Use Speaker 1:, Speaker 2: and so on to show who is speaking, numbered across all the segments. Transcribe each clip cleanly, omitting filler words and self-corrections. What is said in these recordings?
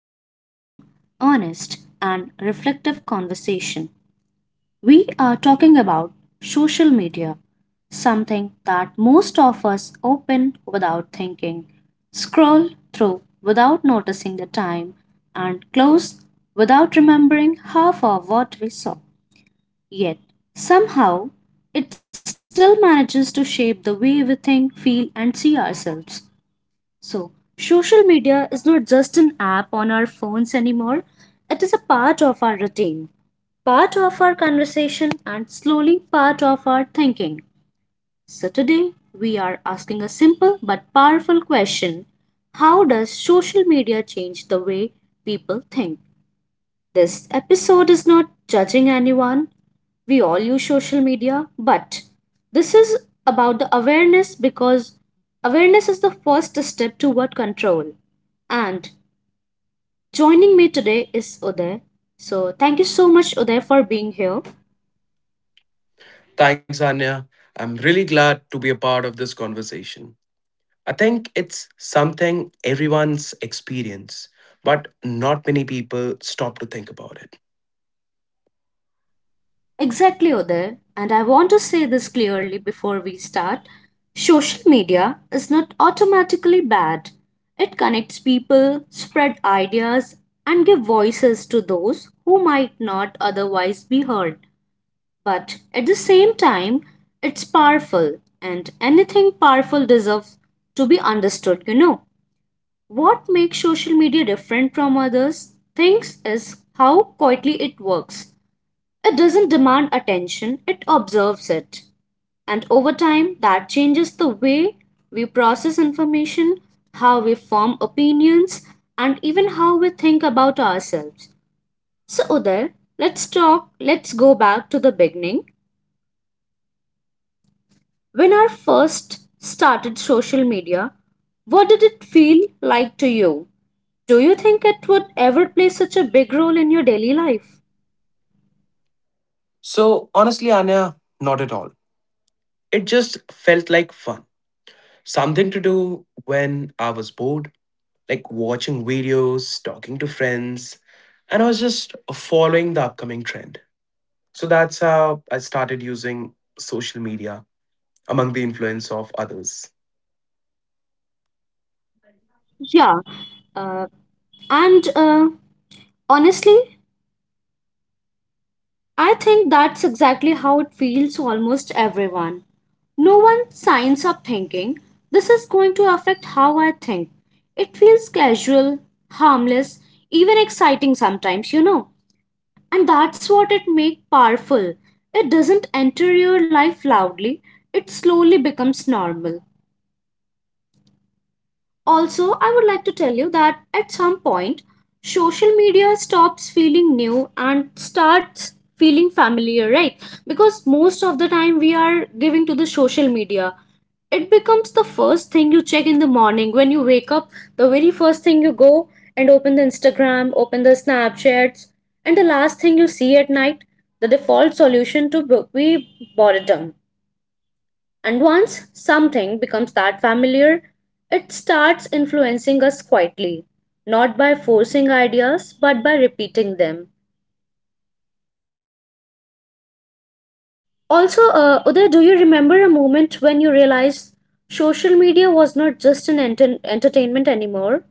Speaker 1: to be a long, honest, and reflective conversation. We are talking about social media, something that most of us open without thinking, scroll through without noticing the time, and close without remembering half of what we saw. Yet, somehow, it still manages to shape the way we think, feel, and see ourselves. So, social media is not just an app on our phones anymore, it is a part of our routine, part of our conversation, and slowly part of our thinking. So, today we are asking a simple but powerful question. How does social media change the way people think? This episode is not judging anyone. We all use social media, but this is about the awareness because awareness is the first step toward control. And joining me today is Uday. So, thank you so much, Uday, for being here.
Speaker 2: Thanks, Anya. I'm really glad to be a part of this conversation. I think it's something everyone's experience, but not many people stop to think about it.
Speaker 1: Exactly, Uday. And I want to say this clearly before we start. Social media is not automatically bad. It connects people, spread ideas, and give voices to those who might not otherwise be heard. But at the same time, it's powerful, and anything powerful deserves to be understood, you know. What makes social media different from others things is how quietly it works. It doesn't demand attention, it observes it. And over time, that changes the way we process information, how we form opinions, and even how we think about ourselves. So, Uday, let's go back to the beginning. When our first started social media, what did it feel like to you? Do you think it would ever play such a big role in your daily life?
Speaker 2: So, honestly, Anya, not at all. It just felt like fun. Something to do when I was bored, like watching videos, talking to friends, and I was just following the upcoming trend. So that's how I started using social media among the influence of others.
Speaker 1: Yeah, uh, and honestly, I think that's exactly how it feels almost everyone. No one signs up thinking, this is going to affect how I think. It feels casual, harmless, even exciting sometimes, you know. And that's what it makes powerful. It doesn't enter your life loudly, it slowly becomes normal. Also, I would like to tell you that at some point, social media stops feeling new and starts feeling familiar, right? Because most of the time we are giving to the social media. It becomes the first thing you check in the morning when you wake up, the very first thing you go and open the Instagram, open the Snapchats, and the last thing you see at night, the default solution to be boredom. And once something becomes that familiar, it starts influencing us quietly, not by forcing ideas but by repeating them. Also, Uday, do you remember a moment when you realized social media was not just an entertainment anymore?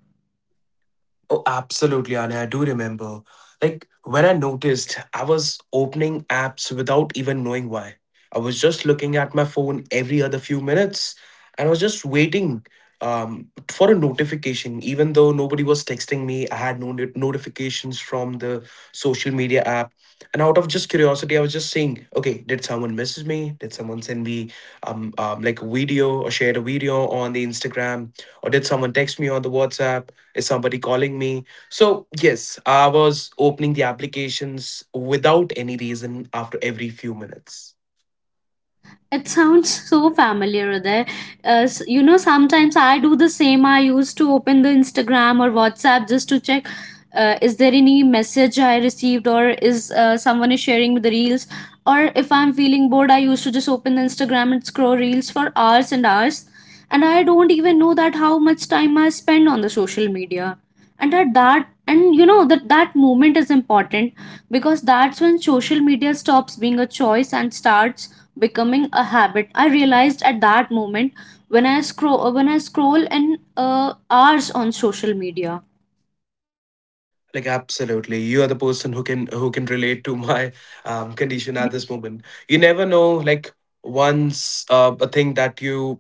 Speaker 2: Oh, absolutely, Anya. I do remember. Like when I noticed, I was opening apps without even knowing why. I was just looking at my phone every other few minutes, and I was just waiting for a notification. Even though nobody was texting me, I had no notifications from the social media app. And out of just curiosity, I was just saying, "Okay, did someone message me? Did someone send me like a video or shared a video on the Instagram, or did someone text me on the WhatsApp?" Is somebody calling me? So, yes, I was opening the applications without any reason after every few minutes.
Speaker 1: It sounds so familiar, Uday. You know, sometimes I do the same. I used to open the Instagram or WhatsApp just to check, is there any message I received or is someone is sharing with the reels. Or if I'm feeling bored, I used to just open the Instagram and scroll reels for hours and hours. And I don't even know that how much time I spend on the social media. And at that, and you know that moment is important because that's when social media stops being a choice and starts becoming a habit. I realized at that moment when I scroll, when I scroll in hours on social media.
Speaker 2: Like, absolutely, you are the person who can relate to my condition at this moment. You never know, like, once a thing that you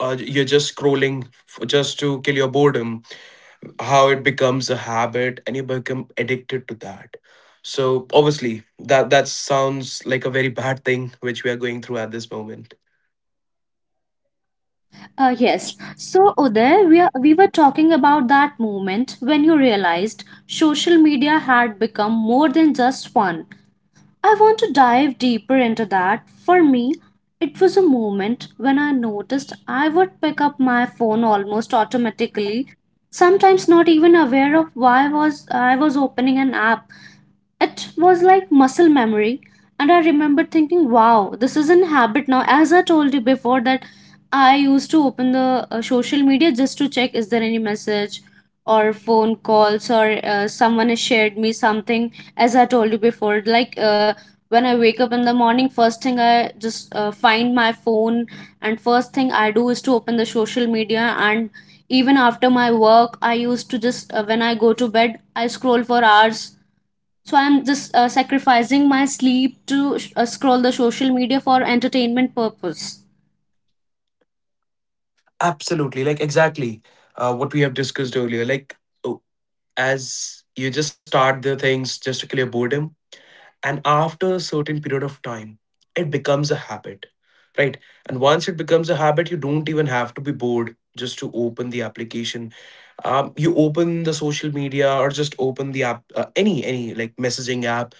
Speaker 2: uh, you're just scrolling just to kill your boredom, how it becomes a habit and you become addicted to that. So obviously, that sounds like a very bad thing which we are going through at this moment.
Speaker 1: Yes. So, Uday, we were talking about that moment when you realized social media had become more than just fun. I want to dive deeper into that. For me, it was a moment when I noticed I would pick up my phone almost automatically, sometimes not even aware of why was I was opening an app. It was like muscle memory, and I remember thinking, wow, this is an habit now. As I told you before, that I used to open the social media just to check is there any message or phone calls or someone has shared me something. As I told you before, like when I wake up in the morning, first thing I just find my phone, and first thing I do is to open the social media. And even after my work, I used to just, when I go to bed I scroll for hours. So I'm just sacrificing my sleep to scroll the social media for entertainment purpose.
Speaker 2: Absolutely, like, exactly what we have discussed earlier. Like, oh, as you just start the things just to clear boredom, and after a certain period of time, it becomes a habit, right? And once it becomes a habit, you don't even have to be bored just to open the application. You open the social media or just open the app, any like messaging app,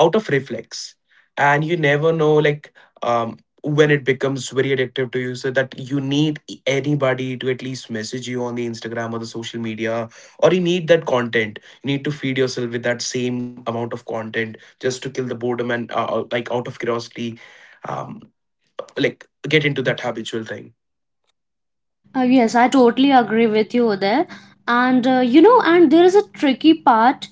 Speaker 2: out of reflex, and you never know, like, um when it becomes very addictive to you, so that you need anybody to at least message you on the Instagram or the social media, or you need that content. You need to feed yourself with that same amount of content just to kill the boredom, and, like, out of curiosity, um like, get into that habitual thing.
Speaker 1: Yes I totally agree with you there. And you know, and there is a tricky part.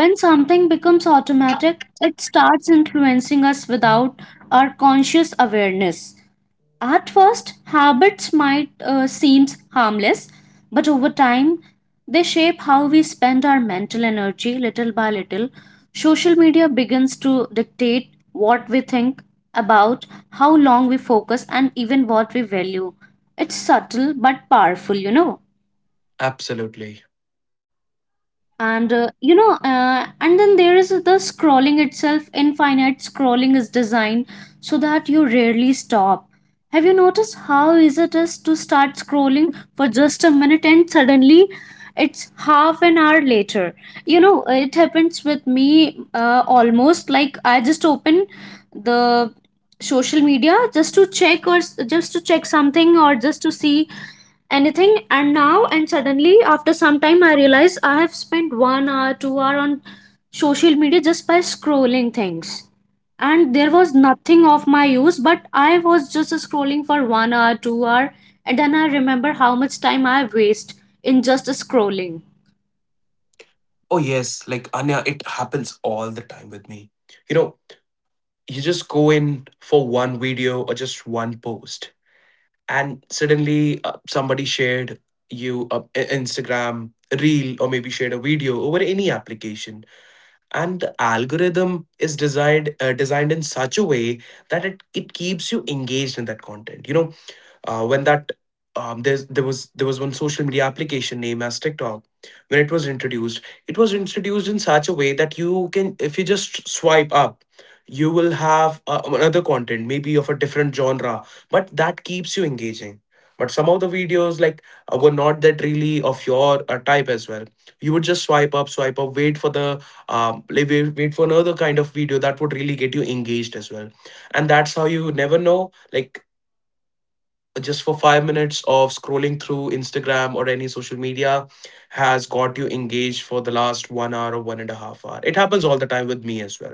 Speaker 1: When something becomes automatic, it starts influencing us without our conscious awareness. At first, habits might seem harmless, but over time, they shape how we spend our mental energy little by little. Social media begins to dictate what we think about, how long we focus, and even what we value. It's subtle but powerful, you know.
Speaker 2: Absolutely.
Speaker 1: And you know, and then there is the scrolling itself. Infinite scrolling is designed so that you rarely stop. Have you noticed how easy it is to start scrolling for just a minute and suddenly it's half an hour later? You know, it happens with me, almost like I just open the social media just to check or just to check something or just to see anything. And now and suddenly after some time I realize I have spent 1 hour 2 hour on social media just by scrolling things. And there was nothing of my use, but I was just scrolling for 1 hour 2 hour. And then I remember how much time I waste in just scrolling.
Speaker 2: Oh, yes. Like, Anya, it happens all the time with me. You know, you just go in for one video or just one post, and suddenly somebody shared you a- Instagram reel or maybe shared a video over any application, and the algorithm is designed in such a way that it keeps you engaged in that content, you know. When that There was one social media application named as TikTok. When it was introduced in such a way that you can, if you just swipe up, you will have another content, maybe of a different genre, but that keeps you engaging. But some of the videos, like, were not that really of your type as well. You would just swipe up, wait for the like, wait for another kind of video that would really get you engaged as well. And that's how you never know, like, just for 5 minutes of scrolling through Instagram or any social media has got you engaged for the last one hour or one and a half hour. It happens all the time with me as well.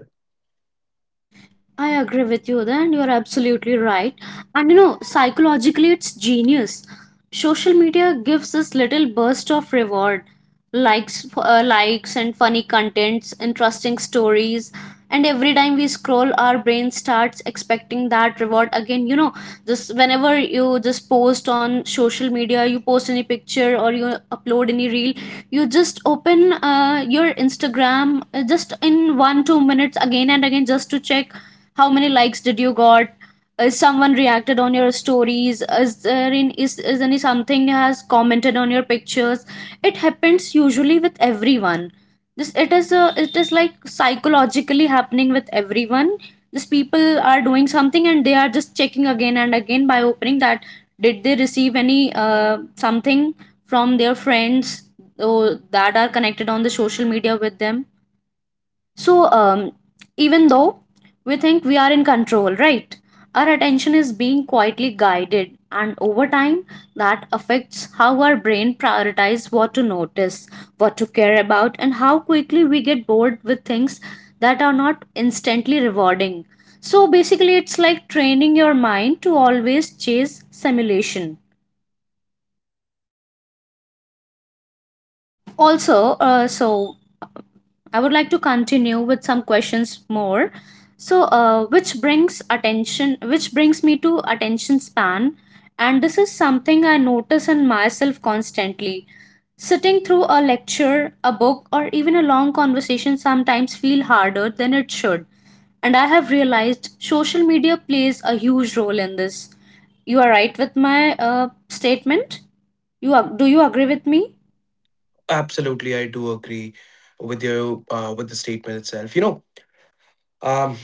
Speaker 1: I agree with you then. You're absolutely right. And you know, psychologically, it's genius. Social media gives us little burst of reward, likes, and funny contents, interesting stories. And every time we scroll, our brain starts expecting that reward again. You know, just whenever you just post on social media, you post any picture or you upload any reel, you just open your Instagram just in 1 2 minutes again and again just to check how many likes did you got, is someone reacted on your stories, is there in is any something has commented on your pictures? It happens usually with everyone. This it is like psychologically happening with everyone. These people are doing something and they are just checking again and again by opening that, did they receive any, something from their friends or that are connected on the social media with them. So, um, even though we think we are in control, right? Our attention is being quietly guided, and over time, that affects how our brain prioritizes what to notice, what to care about, and how quickly we get bored with things that are not instantly rewarding. So, basically, it's like training your mind to always chase simulation. Also so I would like to continue with some questions more. So, which brings me to attention span. And this is something I notice in myself constantly. Sitting through a lecture, a book, or even a long conversation sometimes feel harder than it should. And I have realized social media plays a huge role in this. You are right with my statement. Do you agree with me?
Speaker 2: Absolutely, I do agree with you with the statement itself. You know, um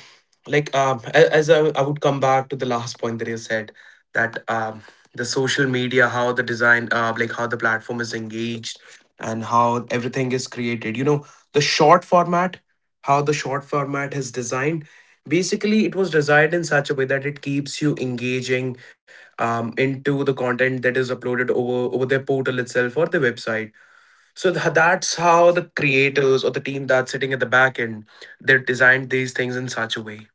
Speaker 2: like, as I would come back to the last point that you said, that the social media, how the design like how the platform is engaged, and how everything is created, you know. The short format how the short format is designed. Basically it was designed in such a way that it keeps you engaging, into the content that is uploaded over their portal itself or the website. So that's how the creators or the team that's sitting at the back end, they designed these things in such a way.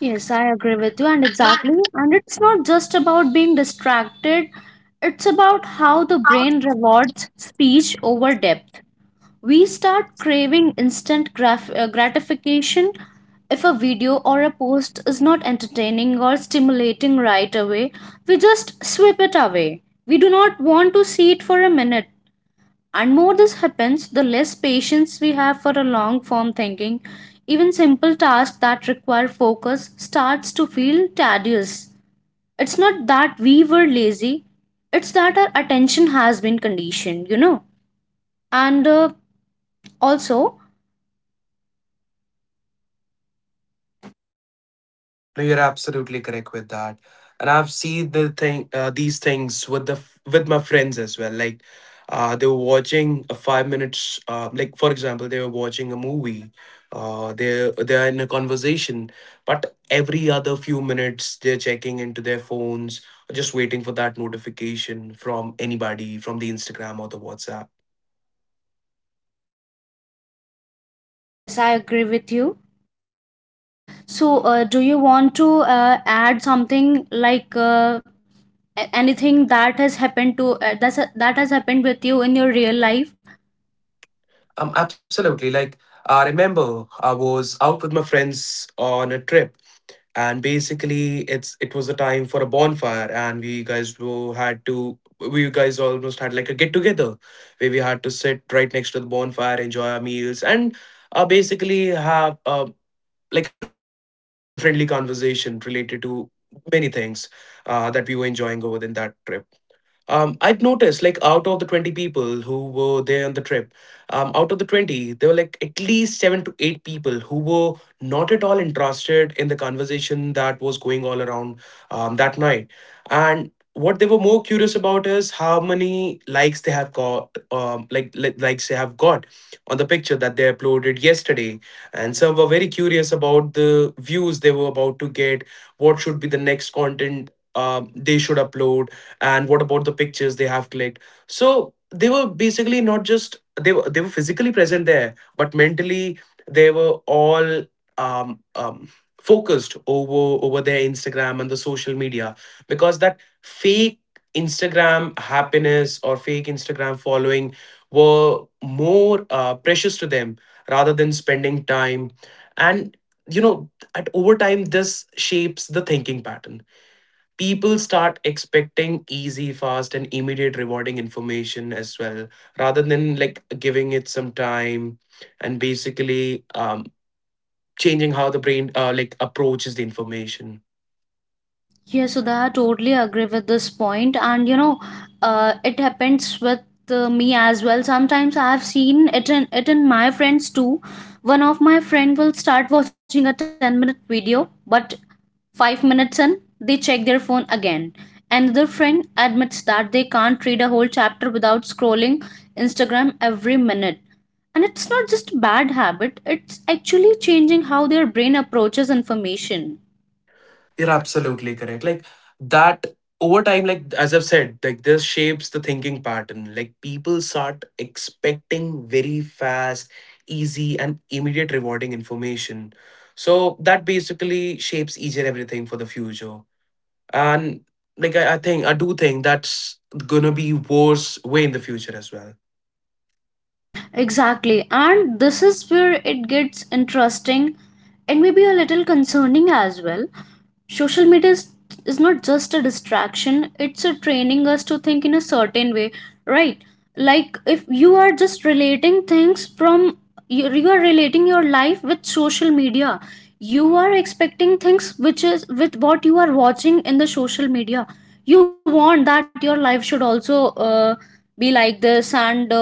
Speaker 1: Yes, I agree with you, and exactly. And it's not just about being distracted, it's about how the brain rewards speech over depth. We start craving instant gratification. If a video or a post is not entertaining or stimulating right away, we just sweep it away. We do not want to see it for a minute. And more this happens, the less patience we have for a long form thinking. Even simple tasks that require focus starts to feel tedious. It's not that we were lazy, it's that our attention has been conditioned, you know. And uh, also,
Speaker 2: No, you're absolutely correct with that. And I've seen these things with my friends as well. Like, they were watching a 5 minutes. Like, for example, they were watching a movie. They are in a conversation, but every other few minutes they're checking into their phones, just waiting for that notification from anybody from the Instagram or the WhatsApp.
Speaker 1: yes, I agree with you. So, do you want to add something like, anything that has happened to that has happened with you in your real life?
Speaker 2: Absolutely. Like, I remember I was out with my friends on a trip, and basically, it was the time for a bonfire, and we guys almost had like a get together where we had to sit right next to the bonfire, enjoy our meals, and basically have like a friendly conversation related to many things that we were enjoying over in that trip. I'd noticed, like, out of the 20 people who were there on the trip, out of the 20, there were like at least seven to eight people who were not at all interested in the conversation that was going all around that night. And what they were more curious about is how many likes they have got, like likes they have got on the picture that they uploaded yesterday. And some were very curious about the views they were about to get, what should be the next content they should upload, and what about the pictures they have clicked. So they were basically not just they were physically present there, but mentally they were all um, um focused over their Instagram and the social media, because that fake Instagram happiness or fake Instagram following were more precious to them rather than spending time. And, you know, at over time this shapes the thinking pattern. People start expecting easy, fast, and immediate rewarding information as well, rather than, like, giving it some time, and basically changing how the brain like approaches the information.
Speaker 1: Yeah, so that I totally agree with this point, and you know, it happens with me as well. Sometimes I have seen it in my friends too. One of my friend will start watching a 10 minute video, but 5 minutes in they check their phone again. Another friend admits that they can't read a whole chapter without scrolling Instagram every minute. And it's not just bad habit; it's actually changing how their brain approaches information.
Speaker 2: You're absolutely correct. Like that, over time, like, as I've said, like, this shapes the thinking pattern. Like, people start expecting very fast, easy, and immediate rewarding information. So that basically shapes each and everything for the future. And, like, I do think that's gonna be worse way in the future as well.
Speaker 1: Exactly. And this is where it gets interesting and maybe a little concerning as well. Social media is, is not just a distraction, it's a training us to think in a certain way, right? Like if you are just relating things from you, are relating your life with social media. You are expecting things which is with what you are watching in the social media. You want that your life should also be like this, and uh,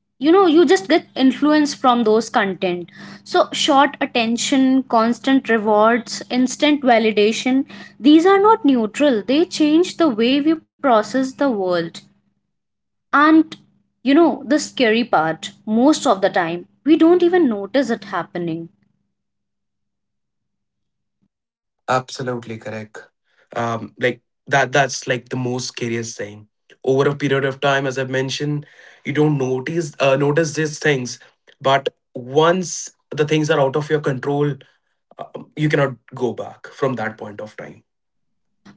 Speaker 1: you know you just get influence from those content. So short attention, constant rewards, instant validation, these are not neutral, they change the way we process the world. And the scary part, most of the time we don't even notice it happening.
Speaker 2: Absolutely correct. Like, that's like the most scariest thing. Over a period of time, as I mentioned, you don't notice these things, but once the things are out of your control, you cannot go back from that point of time.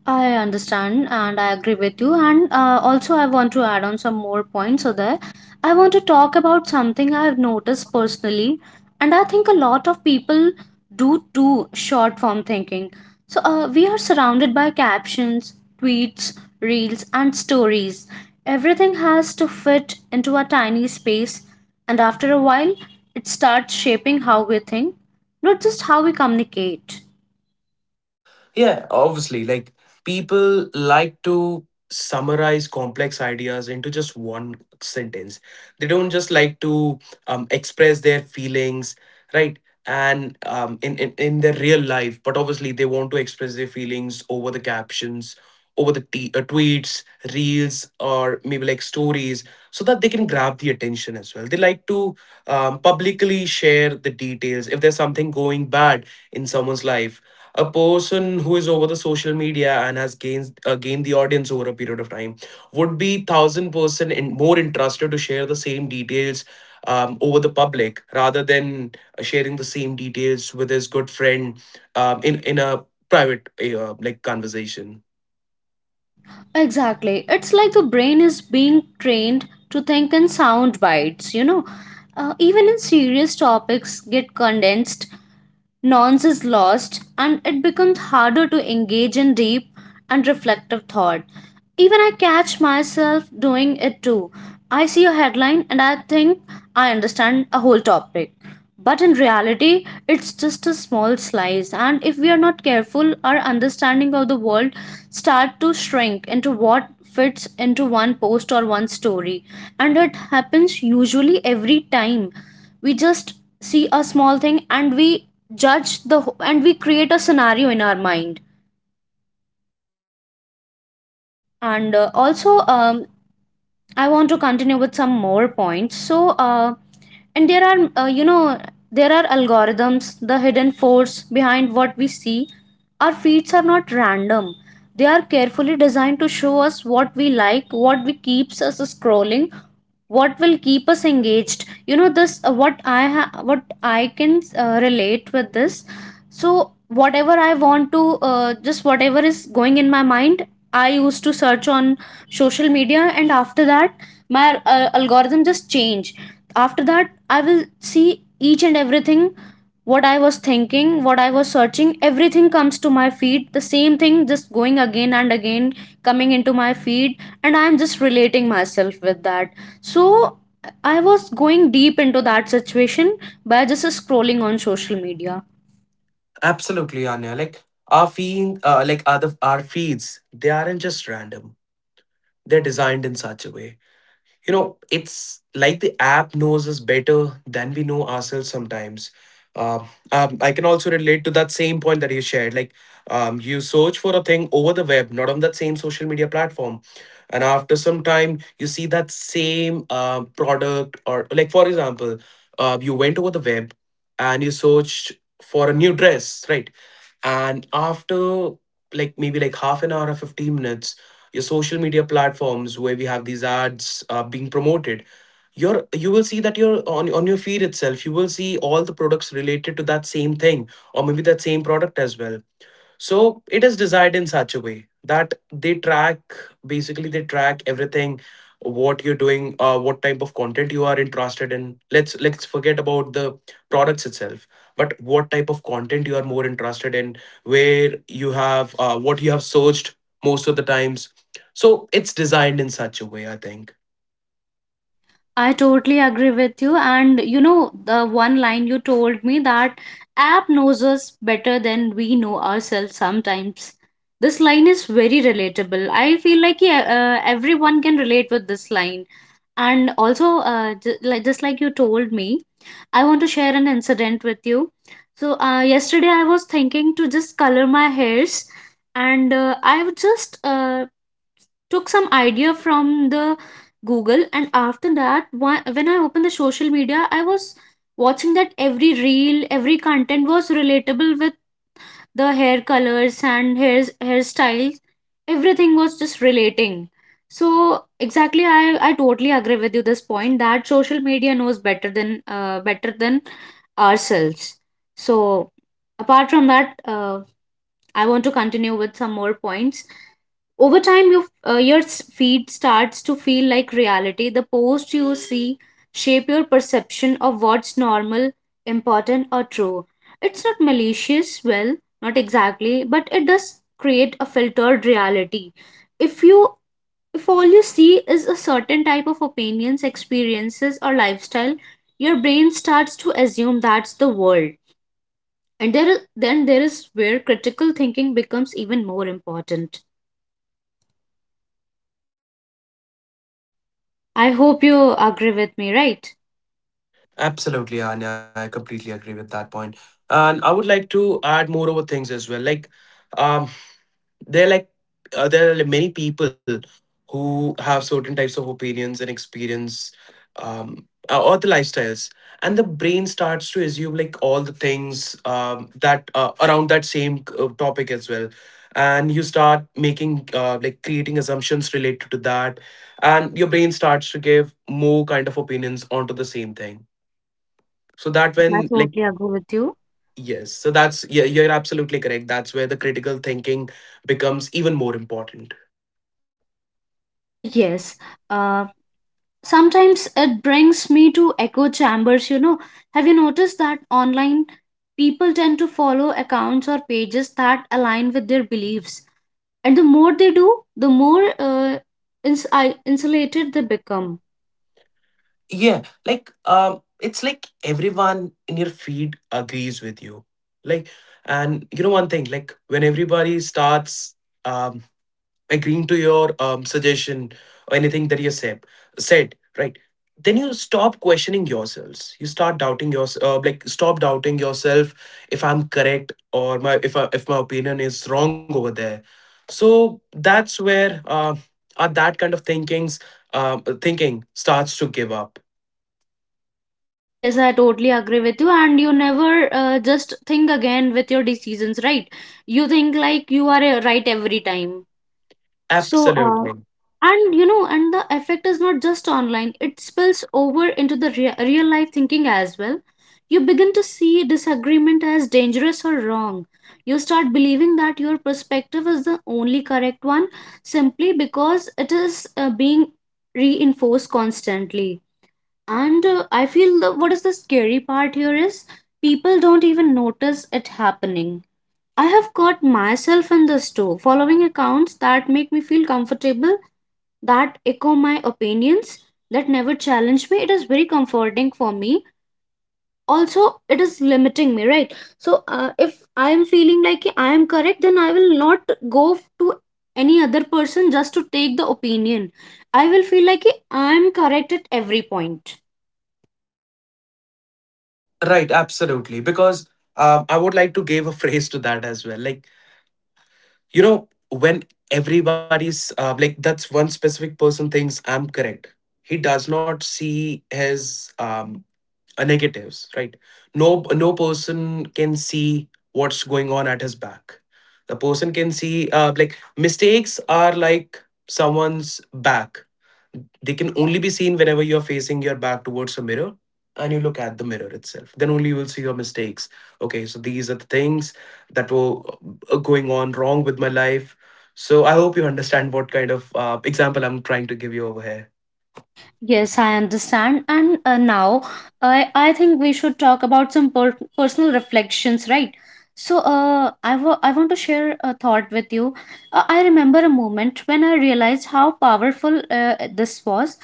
Speaker 1: I understand and I agree with you. And also, I want to add on some more points. So, there, I want to talk about something I have noticed personally, and I think a lot of people do too: short form thinking. So, we are surrounded by captions, tweets, reels, and stories. Everything has to fit into a tiny space, and after a while, it starts shaping how we think, not just how we communicate.
Speaker 2: Yeah, obviously, like, people like to summarize complex ideas into just one sentence. They don't just like to express their feelings, right? And in their real life, but obviously they want to express their feelings over the captions, over the tweets, reels, or maybe like stories, so that they can grab the attention as well. They like to publicly share the details. If there's something going bad in someone's life, a person who is over the social media and has gained the audience over a period of time would be 1000% more interested to share the same details over the public rather than sharing the same details with his good friend in a private like conversation.
Speaker 1: Exactly. It's like a brain is being trained to think in sound bites, Even in serious topics get condensed, nuance is lost, and it becomes harder to engage in deep and reflective thought. Even I catch myself doing it too. I see a headline and I think I understand a whole topic. But in reality, it's just a small slice, and if we are not careful, our understanding of the world start to shrink into what fits into one post or one story. And it happens usually every time we just see a small thing and we and we create a scenario in our mind. And also I want to continue with some more points. So, and there are, there are algorithms, the hidden force behind what we see. Our feeds are not random. They are carefully designed to show us what we like, what we keeps us scrolling, what will keep us engaged. This what I can relate with this. So, whatever I want to, just whatever is going in my mind, I used to search on social media, and after that my algorithm just change. After that I will see each and everything, what I was thinking, what I was searching, everything comes to my feed, the same thing just going again and again, coming into my feed, and I am just relating myself with that. So I was going deep into that situation by just scrolling on social media.
Speaker 2: Absolutely, Anya. Like, our feeds, they aren't just random. They're designed in such a way. You know, it's like the app knows us better than we know ourselves sometimes. I can also relate to that same point that you shared. Like, you search for a thing over the web, not on that same social media platform. And after some time, you see that same product, or, like, for example, you went over the web and you searched for a new dress, right? And after like maybe like half an hour or 15 minutes, your social media platforms where we have these ads being promoted, you will see that you're on your feed itself. You will see all the products related to that same thing, or maybe that same product as well. So it is designed in such a way that they track. Basically, they track everything, what you're doing, what type of content you are interested in. Let's forget about the products itself, but what type of content you are more interested in, where you have what you have searched most of the times. So it's designed in such a way, I think.
Speaker 1: I totally agree with you. And, the one line you told me, that app knows us better than we know ourselves sometimes. This line is very relatable. I feel like yeah, everyone can relate with this line. And also, like, just like you told me, I want to share an incident with you. So, yesterday I was thinking to just color my hairs, and I would just took some idea from the Google, and after that when I opened the social media, I was watching that every reel, every content was relatable with the hair colors and hairstyles, everything was just relating. So exactly, I totally agree with you this point, that social media knows better than ourselves. So apart from that, I want to continue with some more points. Over time, your, feed starts to feel like reality. The posts you see shape your perception of what's normal, important, or true. It's not malicious, well, not exactly, but it does create a filtered reality. If you if all you see is a certain type of opinions, experiences, or lifestyle, your brain starts to assume that's the world, and then there is where critical thinking becomes even more important. I hope you agree with me, right?
Speaker 2: Absolutely, Anya, I completely agree with that point, and I would like to add more over things as well. Like, um there are like, there are like many people who have certain types of opinions and experience. um or the lifestyles, and the brain starts to assume like all the things, that around that same topic as well. And you start making, like, creating assumptions related to that, and your brain starts to give more kind of opinions onto the same thing. So that
Speaker 1: Yes, I
Speaker 2: when, like.
Speaker 1: totally agree with you.
Speaker 2: Yes, so that's, yeah, you're absolutely correct. That's where the critical thinking becomes even more important.
Speaker 1: Yes. Uh, Sometimes it brings me to echo chambers, Have you noticed that online people tend to follow accounts or pages that align with their beliefs? And the more they do, the more insulated they become.
Speaker 2: Yeah, like, it's like everyone in your feed agrees with you. Like, and you know one thing, like when everybody starts um agreeing to your suggestion or anything that you said, right, then you stop questioning yourselves, you start doubting yourself, like, stop doubting yourself if I'm correct, or my if I, if my opinion is wrong over there. So that's where, that kind of thinking starts to give up.
Speaker 1: Yes, I totally agree with you. And you never just think again with your decisions, right? You think like you are right every time. So,
Speaker 2: Absolutely.
Speaker 1: and, and the effect is not just online, it spills over into the real life thinking as well. You begin to see disagreement as dangerous or wrong. You start believing that your perspective is the only correct one simply because it is being reinforced constantly. And I feel the, what is the scary part here is people don't even notice it happening. I have caught myself in the store following accounts that make me feel comfortable, that echo my opinions, that never challenge me. It is very comforting for me. Also, it is limiting me, right? So, if I am feeling like I am correct, then I will not go to any other person just to take the opinion. I will feel like I am correct at every point.
Speaker 2: Right, absolutely. Because, I would like to give a phrase to that as well. Like, you know, when everybody's, like, that's one specific person thinks I'm correct. He does not see his, negatives, right? No, no person can see what's going on at his back. The person can see, like, mistakes are like someone's back. They can only be seen whenever you're facing your back towards a mirror, and you look at the mirror itself, then only you will see your mistakes. Okay, so these are the things that were, going on wrong with my life. So I hope you understand what kind of example I'm trying to give you over here.
Speaker 1: Yes, I understand. And now I think we should talk about some personal reflections, right? So I want to share a thought with you. I remember a moment when I realized how powerful this was.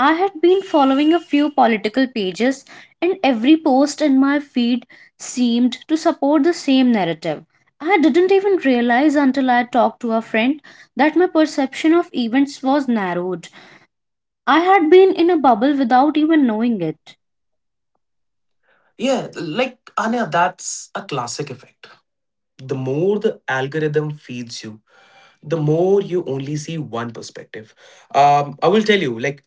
Speaker 1: I had been following a few political pages, and every post in my feed seemed to support the same narrative. I didn't even realize until I talked to a friend that my perception of events was narrowed. I had been in a bubble without even knowing it.
Speaker 2: Yeah, like Anya, that's a classic effect. The more the algorithm feeds you, the more you only see one perspective. I will tell you, like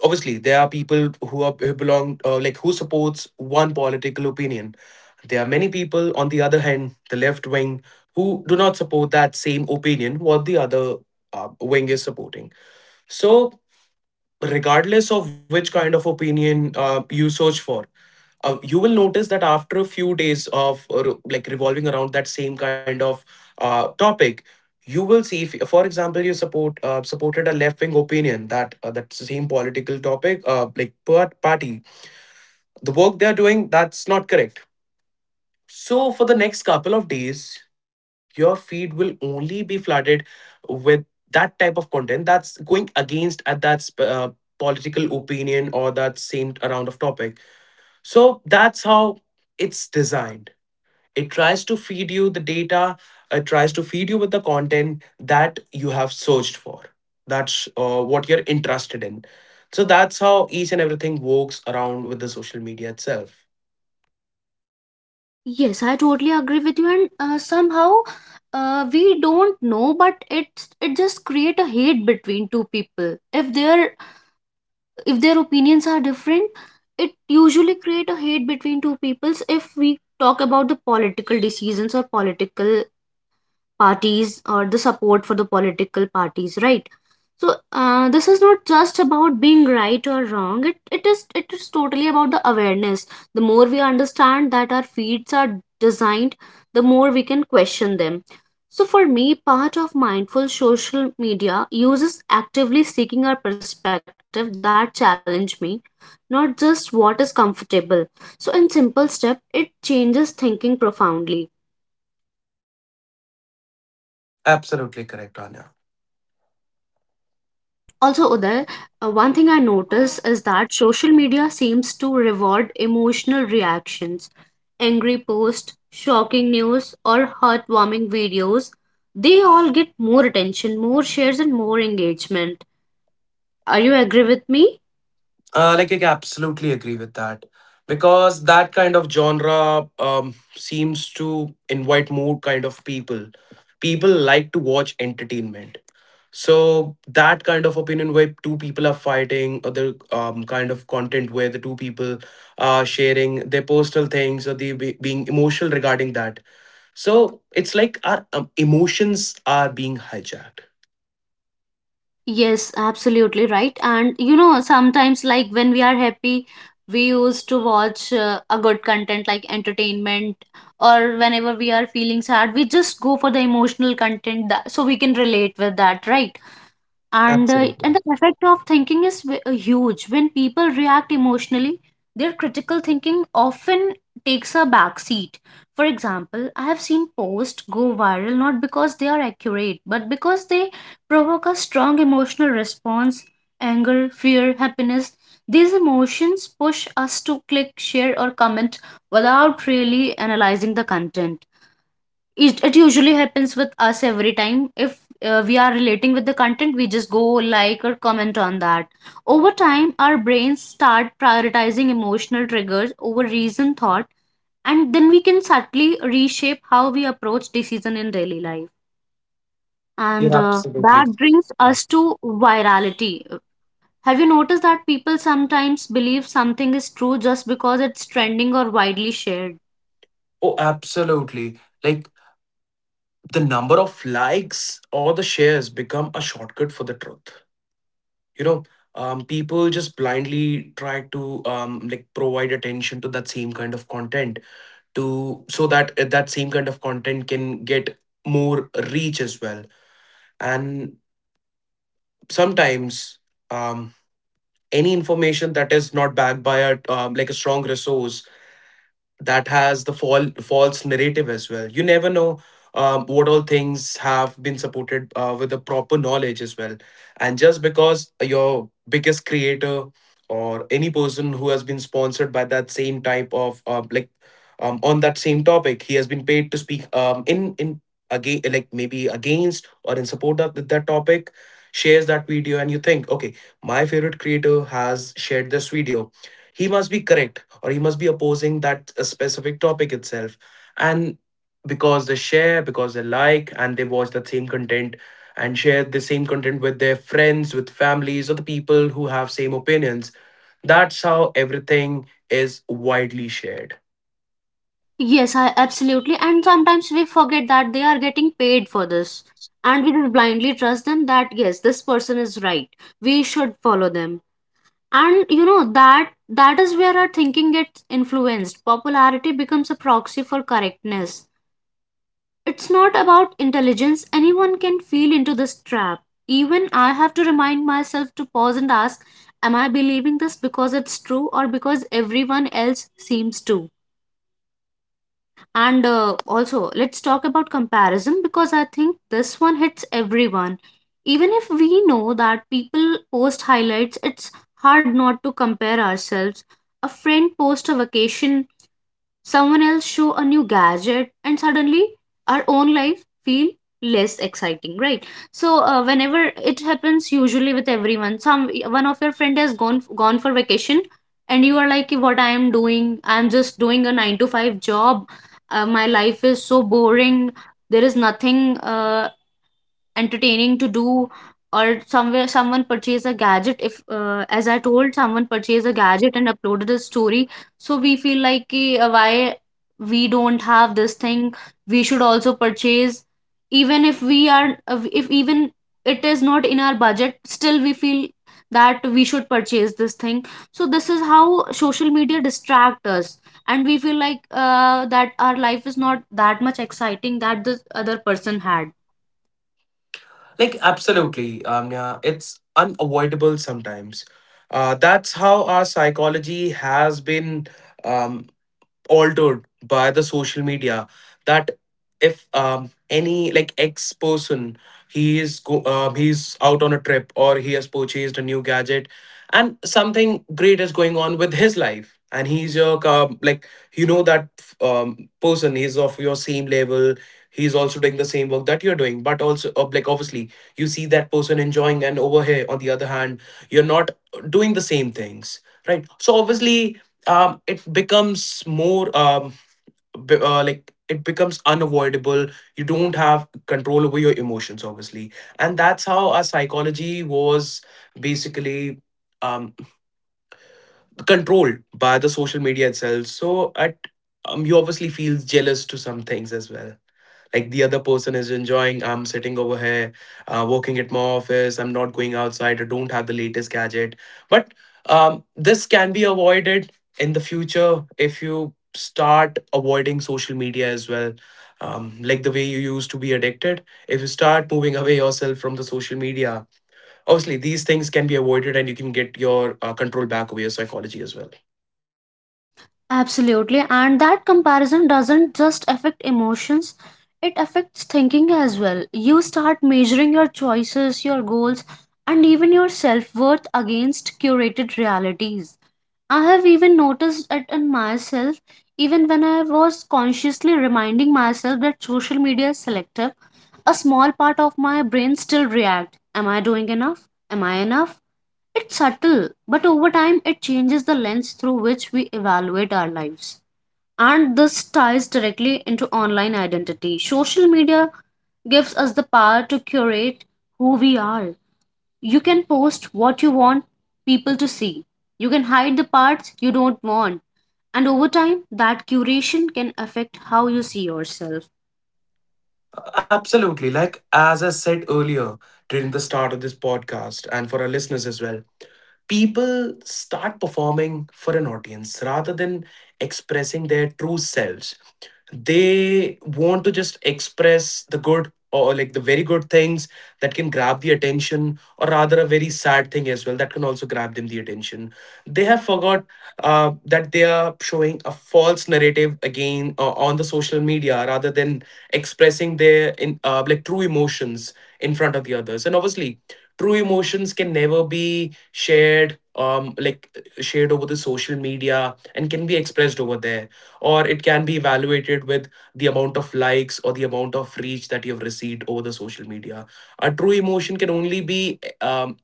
Speaker 2: obviously there are people who are, who belong, like, who supports one political opinion. There are many people on the other hand, the left wing, who do not support that same opinion what the other wing is supporting. So, regardless of which kind of opinion you search for, you will notice that after a few days of like revolving around that same kind of topic, you will see if, for example, you supported a left wing opinion that, that same political topic, party, the work they're doing, that's not correct. So, for the next couple of days, your feed will only be flooded with that type of content that's going against at that political opinion or that same around of topic. So, that's how it's designed. It tries to feed you the data, it tries to feed you with the content that you have searched for. That's what you're interested in. So, that's how each and everything works around with the social media itself.
Speaker 1: Yes, I totally agree with you, and somehow we don't know, but it just create a hate between two people. If their opinions are different, it usually create a hate between two peoples. If we talk about the political decisions or political parties, or the support for the political parties, right? So this is not just about being right or wrong, it is, it is totally about the awareness. The more we understand that our feeds are designed, the more we can question them. So for me, part of mindful social media use is actively seeking our perspective that challenge me, not just what is comfortable. So in simple step, it changes thinking profoundly.
Speaker 2: Absolutely correct, Anya.
Speaker 1: Also, Uday, one thing I notice is that social media seems to reward emotional reactions. Angry posts, shocking news, or heartwarming videos, they all get more attention, more shares, and more engagement. Are you agree with me?
Speaker 2: Like, I can absolutely agree with that, because that kind of genre, seems to invite more kind of people. People like to watch entertainment, so that kind of opinion where two people are fighting, or the, kind of content where the two people are sharing their personal things or they being emotional regarding that. So it's like our, emotions are being hijacked.
Speaker 1: Yes, absolutely right. And, sometimes like when we are happy, we used to watch a good content like entertainment, or whenever we are feeling sad, we just go for the emotional content that so we can relate with that, right? And and
Speaker 2: Absolutely,
Speaker 1: the effect of thinking is huge when people react emotionally. Their critical thinking often takes a back seat. For example, I have seen posts go viral not because they are accurate, but because they provoke a strong emotional response. Anger, fear, happiness, these emotions push us to click, share, or comment without really analyzing the content. It usually happens with us every time. If we are relating with the content, we just go like or comment on that. Over time, our brains start prioritizing emotional triggers over reason thought, and then we can subtly reshape how we approach decision in daily life.
Speaker 2: you're
Speaker 1: And
Speaker 2: absolutely
Speaker 1: that
Speaker 2: correct.
Speaker 1: brings us to virality. Have you noticed that people sometimes believe something is true just because it's trending or widely shared?
Speaker 2: Oh, absolutely. Like, the number of likes or the shares become a shortcut for the truth, you know. People just blindly try to, like, provide attention to that same kind of content, to so that, that same kind of content can get more reach as well. And sometimes, um, any information that is not backed by a, like, a strong resource, that has the fall false narrative as well. You never know, what all things have been supported, with the proper knowledge as well. And just because your biggest creator or any person who has been sponsored by that same type of, like, on that same topic, he has been paid to speak, in again, like maybe against or in support of that topic, shares that video and you think, okay, my favorite creator has shared this video, he must be correct, or he must be opposing that, specific topic itself. And because they share, because they like and they watch that same content, and share the same content with their friends, with families, or the people who have same opinions, that's how everything is widely shared.
Speaker 1: Yes, I absolutely. And sometimes we forget that they are getting paid for this. And we just blindly trust them that yes, this person is right. We should follow them. And you know that is where our thinking gets influenced. Popularity becomes a proxy for correctness. It's not about intelligence. Anyone can feel into this trap. Even I have to remind myself to pause and ask, am I believing this because it's true or because everyone else seems to? And also, let's talk about comparison because I think this one hits everyone. Even if we know that people post highlights, it's hard not to compare ourselves. A friend posts a vacation, someone else show a new gadget, and suddenly our own life feel less exciting, right? So whenever it happens usually with everyone, some one of your friend has gone for vacation, and you are like, what I am doing? I am just doing a 9 to 5 job. My life is so boring, there is nothing entertaining to do. Or somewhere someone purchased a gadget, if as I told, someone purchased a gadget and uploaded a story, so we feel like "Ki, why we don't have this thing, we should also purchase." Even if we are if even it is not in our budget, still we feel that we should purchase this thing. So this is how social media distract us, and we feel like that our life is not that much exciting that this other person had.
Speaker 2: Like, absolutely, amnya, it's unavoidable sometimes. That's how our psychology has been, um. altered by the social media, that if, any like ex person, he he's out on a trip or he has purchased a new gadget, and something great is going on with his life, and he's your, like, you know that, person is of your same level, he's also doing the same work that you're doing, but also, like, obviously you see that person enjoying, and over here on the other hand, you're not doing the same things, right? So obviously, it becomes more, like, it becomes unavoidable. You don't have control over your emotions, obviously, and that's how our psychology was basically, um, controlled by the social media itself. So at, you obviously feel jealous to some things as well, like the other person is enjoying, I'm sitting over here, working at my office, I'm not going outside, I don't have the latest gadget. But, this can be avoided in the future if you start avoiding social media as well, like the way you used to be addicted. If you start moving away yourself from the social media, obviously, these things can be avoided and you can get your, control back over your psychology as well.
Speaker 1: Absolutely, and that comparison doesn't just affect emotions, it affects thinking as well. You start measuring your choices, your goals, and even your self worth against curated realities. I have even noticed it in myself, even when I was consciously reminding myself that social media is selective, a small part of my brain still react. Am I doing enough? Am I enough? It's subtle, but over time it changes the lens through which we evaluate our lives. And this ties directly into online identity. Social media gives us the power to curate who we are. You can post what you want people to see, you can hide the parts you don't want. And over time, that curation can affect how you see yourself.
Speaker 2: Absolutely. Like, as I said earlier, during the start of this podcast and for our listeners as well. People start performing for an audience rather than expressing their true selves. They want to just express the good, or like the very good things that can grab the attention, or rather a very sad thing as well that can also grab them the attention. They have forgot, that they are showing a false narrative again, on the social media rather than expressing their, in like, true emotions in front of the others. And obviously, true emotions can never be shared, like, shared over the social media and can be expressed over there, or it can be evaluated with the amount of likes or the amount of reach that you've received over the social media. A true emotion can only be,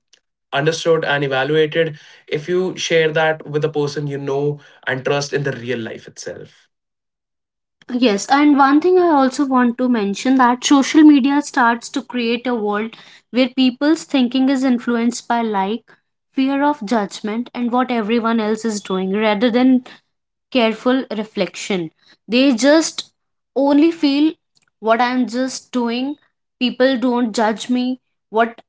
Speaker 2: understood and evaluated if you share that with a person you know and trust in the real life itself.
Speaker 1: Yes, and one thing I also want to mention, that social media starts to create a world where people's thinking is influenced by like, fear of judgment, and what everyone else is doing rather than careful reflection. They just only feel what I'm just doing, people don't judge me, what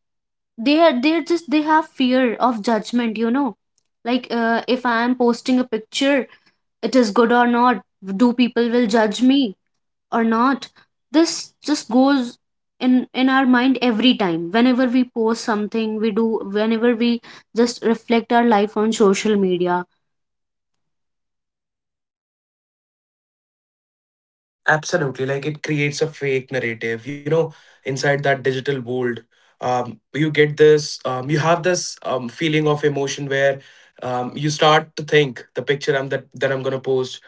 Speaker 1: they're just, they have fear of judgment, Like if I'm posting a picture, it is good or not, do people will judge me or not, this just goes in our mind every time whenever we post something we do, whenever we just reflect our life on social media.
Speaker 2: Absolutely, like, it creates a fake narrative, you know, inside that digital world. You get this, you have this, feeling of emotion where, you start to think, the picture I'm that I'm gonna post,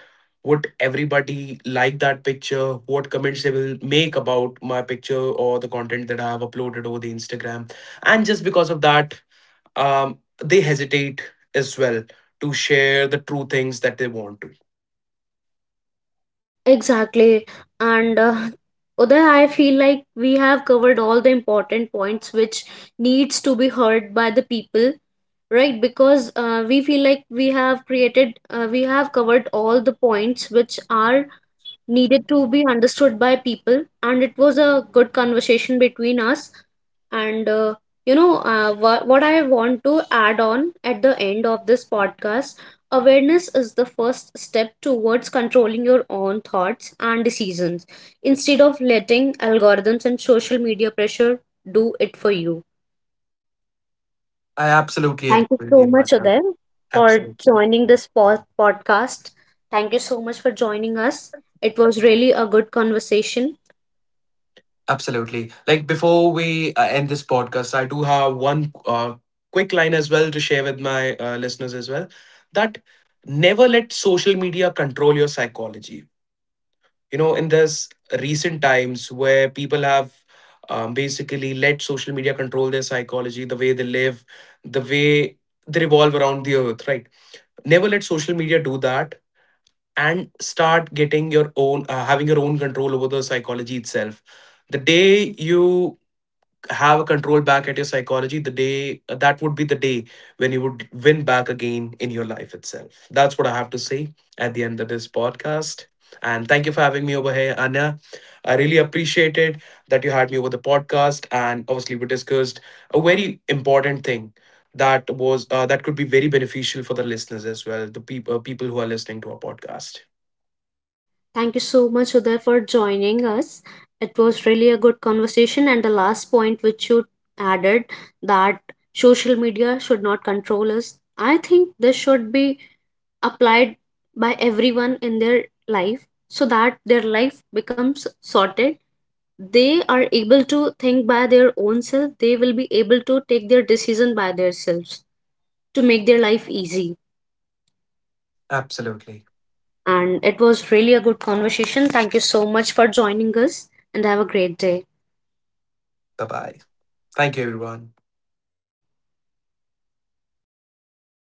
Speaker 2: would everybody like that picture, what comments they will make about my picture or the content that I have uploaded over the Instagram. And just because of that, um, they hesitate as well to share the true things that they want to.
Speaker 1: Exactly. And Uday, I feel like we have covered all the important points which needs to be heard by the people, right? Because we feel like we have we have covered all the points which are needed to be understood by people, and it was a good conversation between us. And what I want to add on at the end of this podcast: awareness is the first step towards controlling your own thoughts and decisions, instead of letting algorithms and social media pressure do it for you.
Speaker 2: I absolutely
Speaker 1: Thank you
Speaker 2: agree
Speaker 1: so
Speaker 2: with you,
Speaker 1: much,
Speaker 2: Manya.
Speaker 1: Adair, for
Speaker 2: Absolutely.
Speaker 1: joining this podcast. Thank you so much for joining us. It was really a good conversation.
Speaker 2: Absolutely, like, before we, end this podcast, I do have one, quick line as well to share with my, listeners as well, that never let social media control your psychology. You know, in this recent times where people have, basically let social media control their psychology, the way they live, the way they revolve around the earth, right? Never let social media do that, and start getting your own, having your own control over the psychology itself. The day you have a control back at your psychology, the day, that would be the day when you would win back again in your life itself. That's what I have to say at the end of this podcast. And thank you for having me over here, Anya. I really appreciated that you had me over the podcast, and obviously we discussed a very important thing, that was, that could be very beneficial for the listeners as well, the people who are listening to our podcast.
Speaker 1: Thank you so much, Uday, for joining us. It was really a good conversation. And the last point which you added, that social media should not control us, I think this should be applied by everyone in their life, so that their life becomes sorted. They are able to think by their own self, they will be able to take their decision by themselves to make their life easy.
Speaker 2: Absolutely.
Speaker 1: And it was really a good conversation. Thank you so much for joining us and have a great day.
Speaker 2: Bye bye. Thank you, everyone.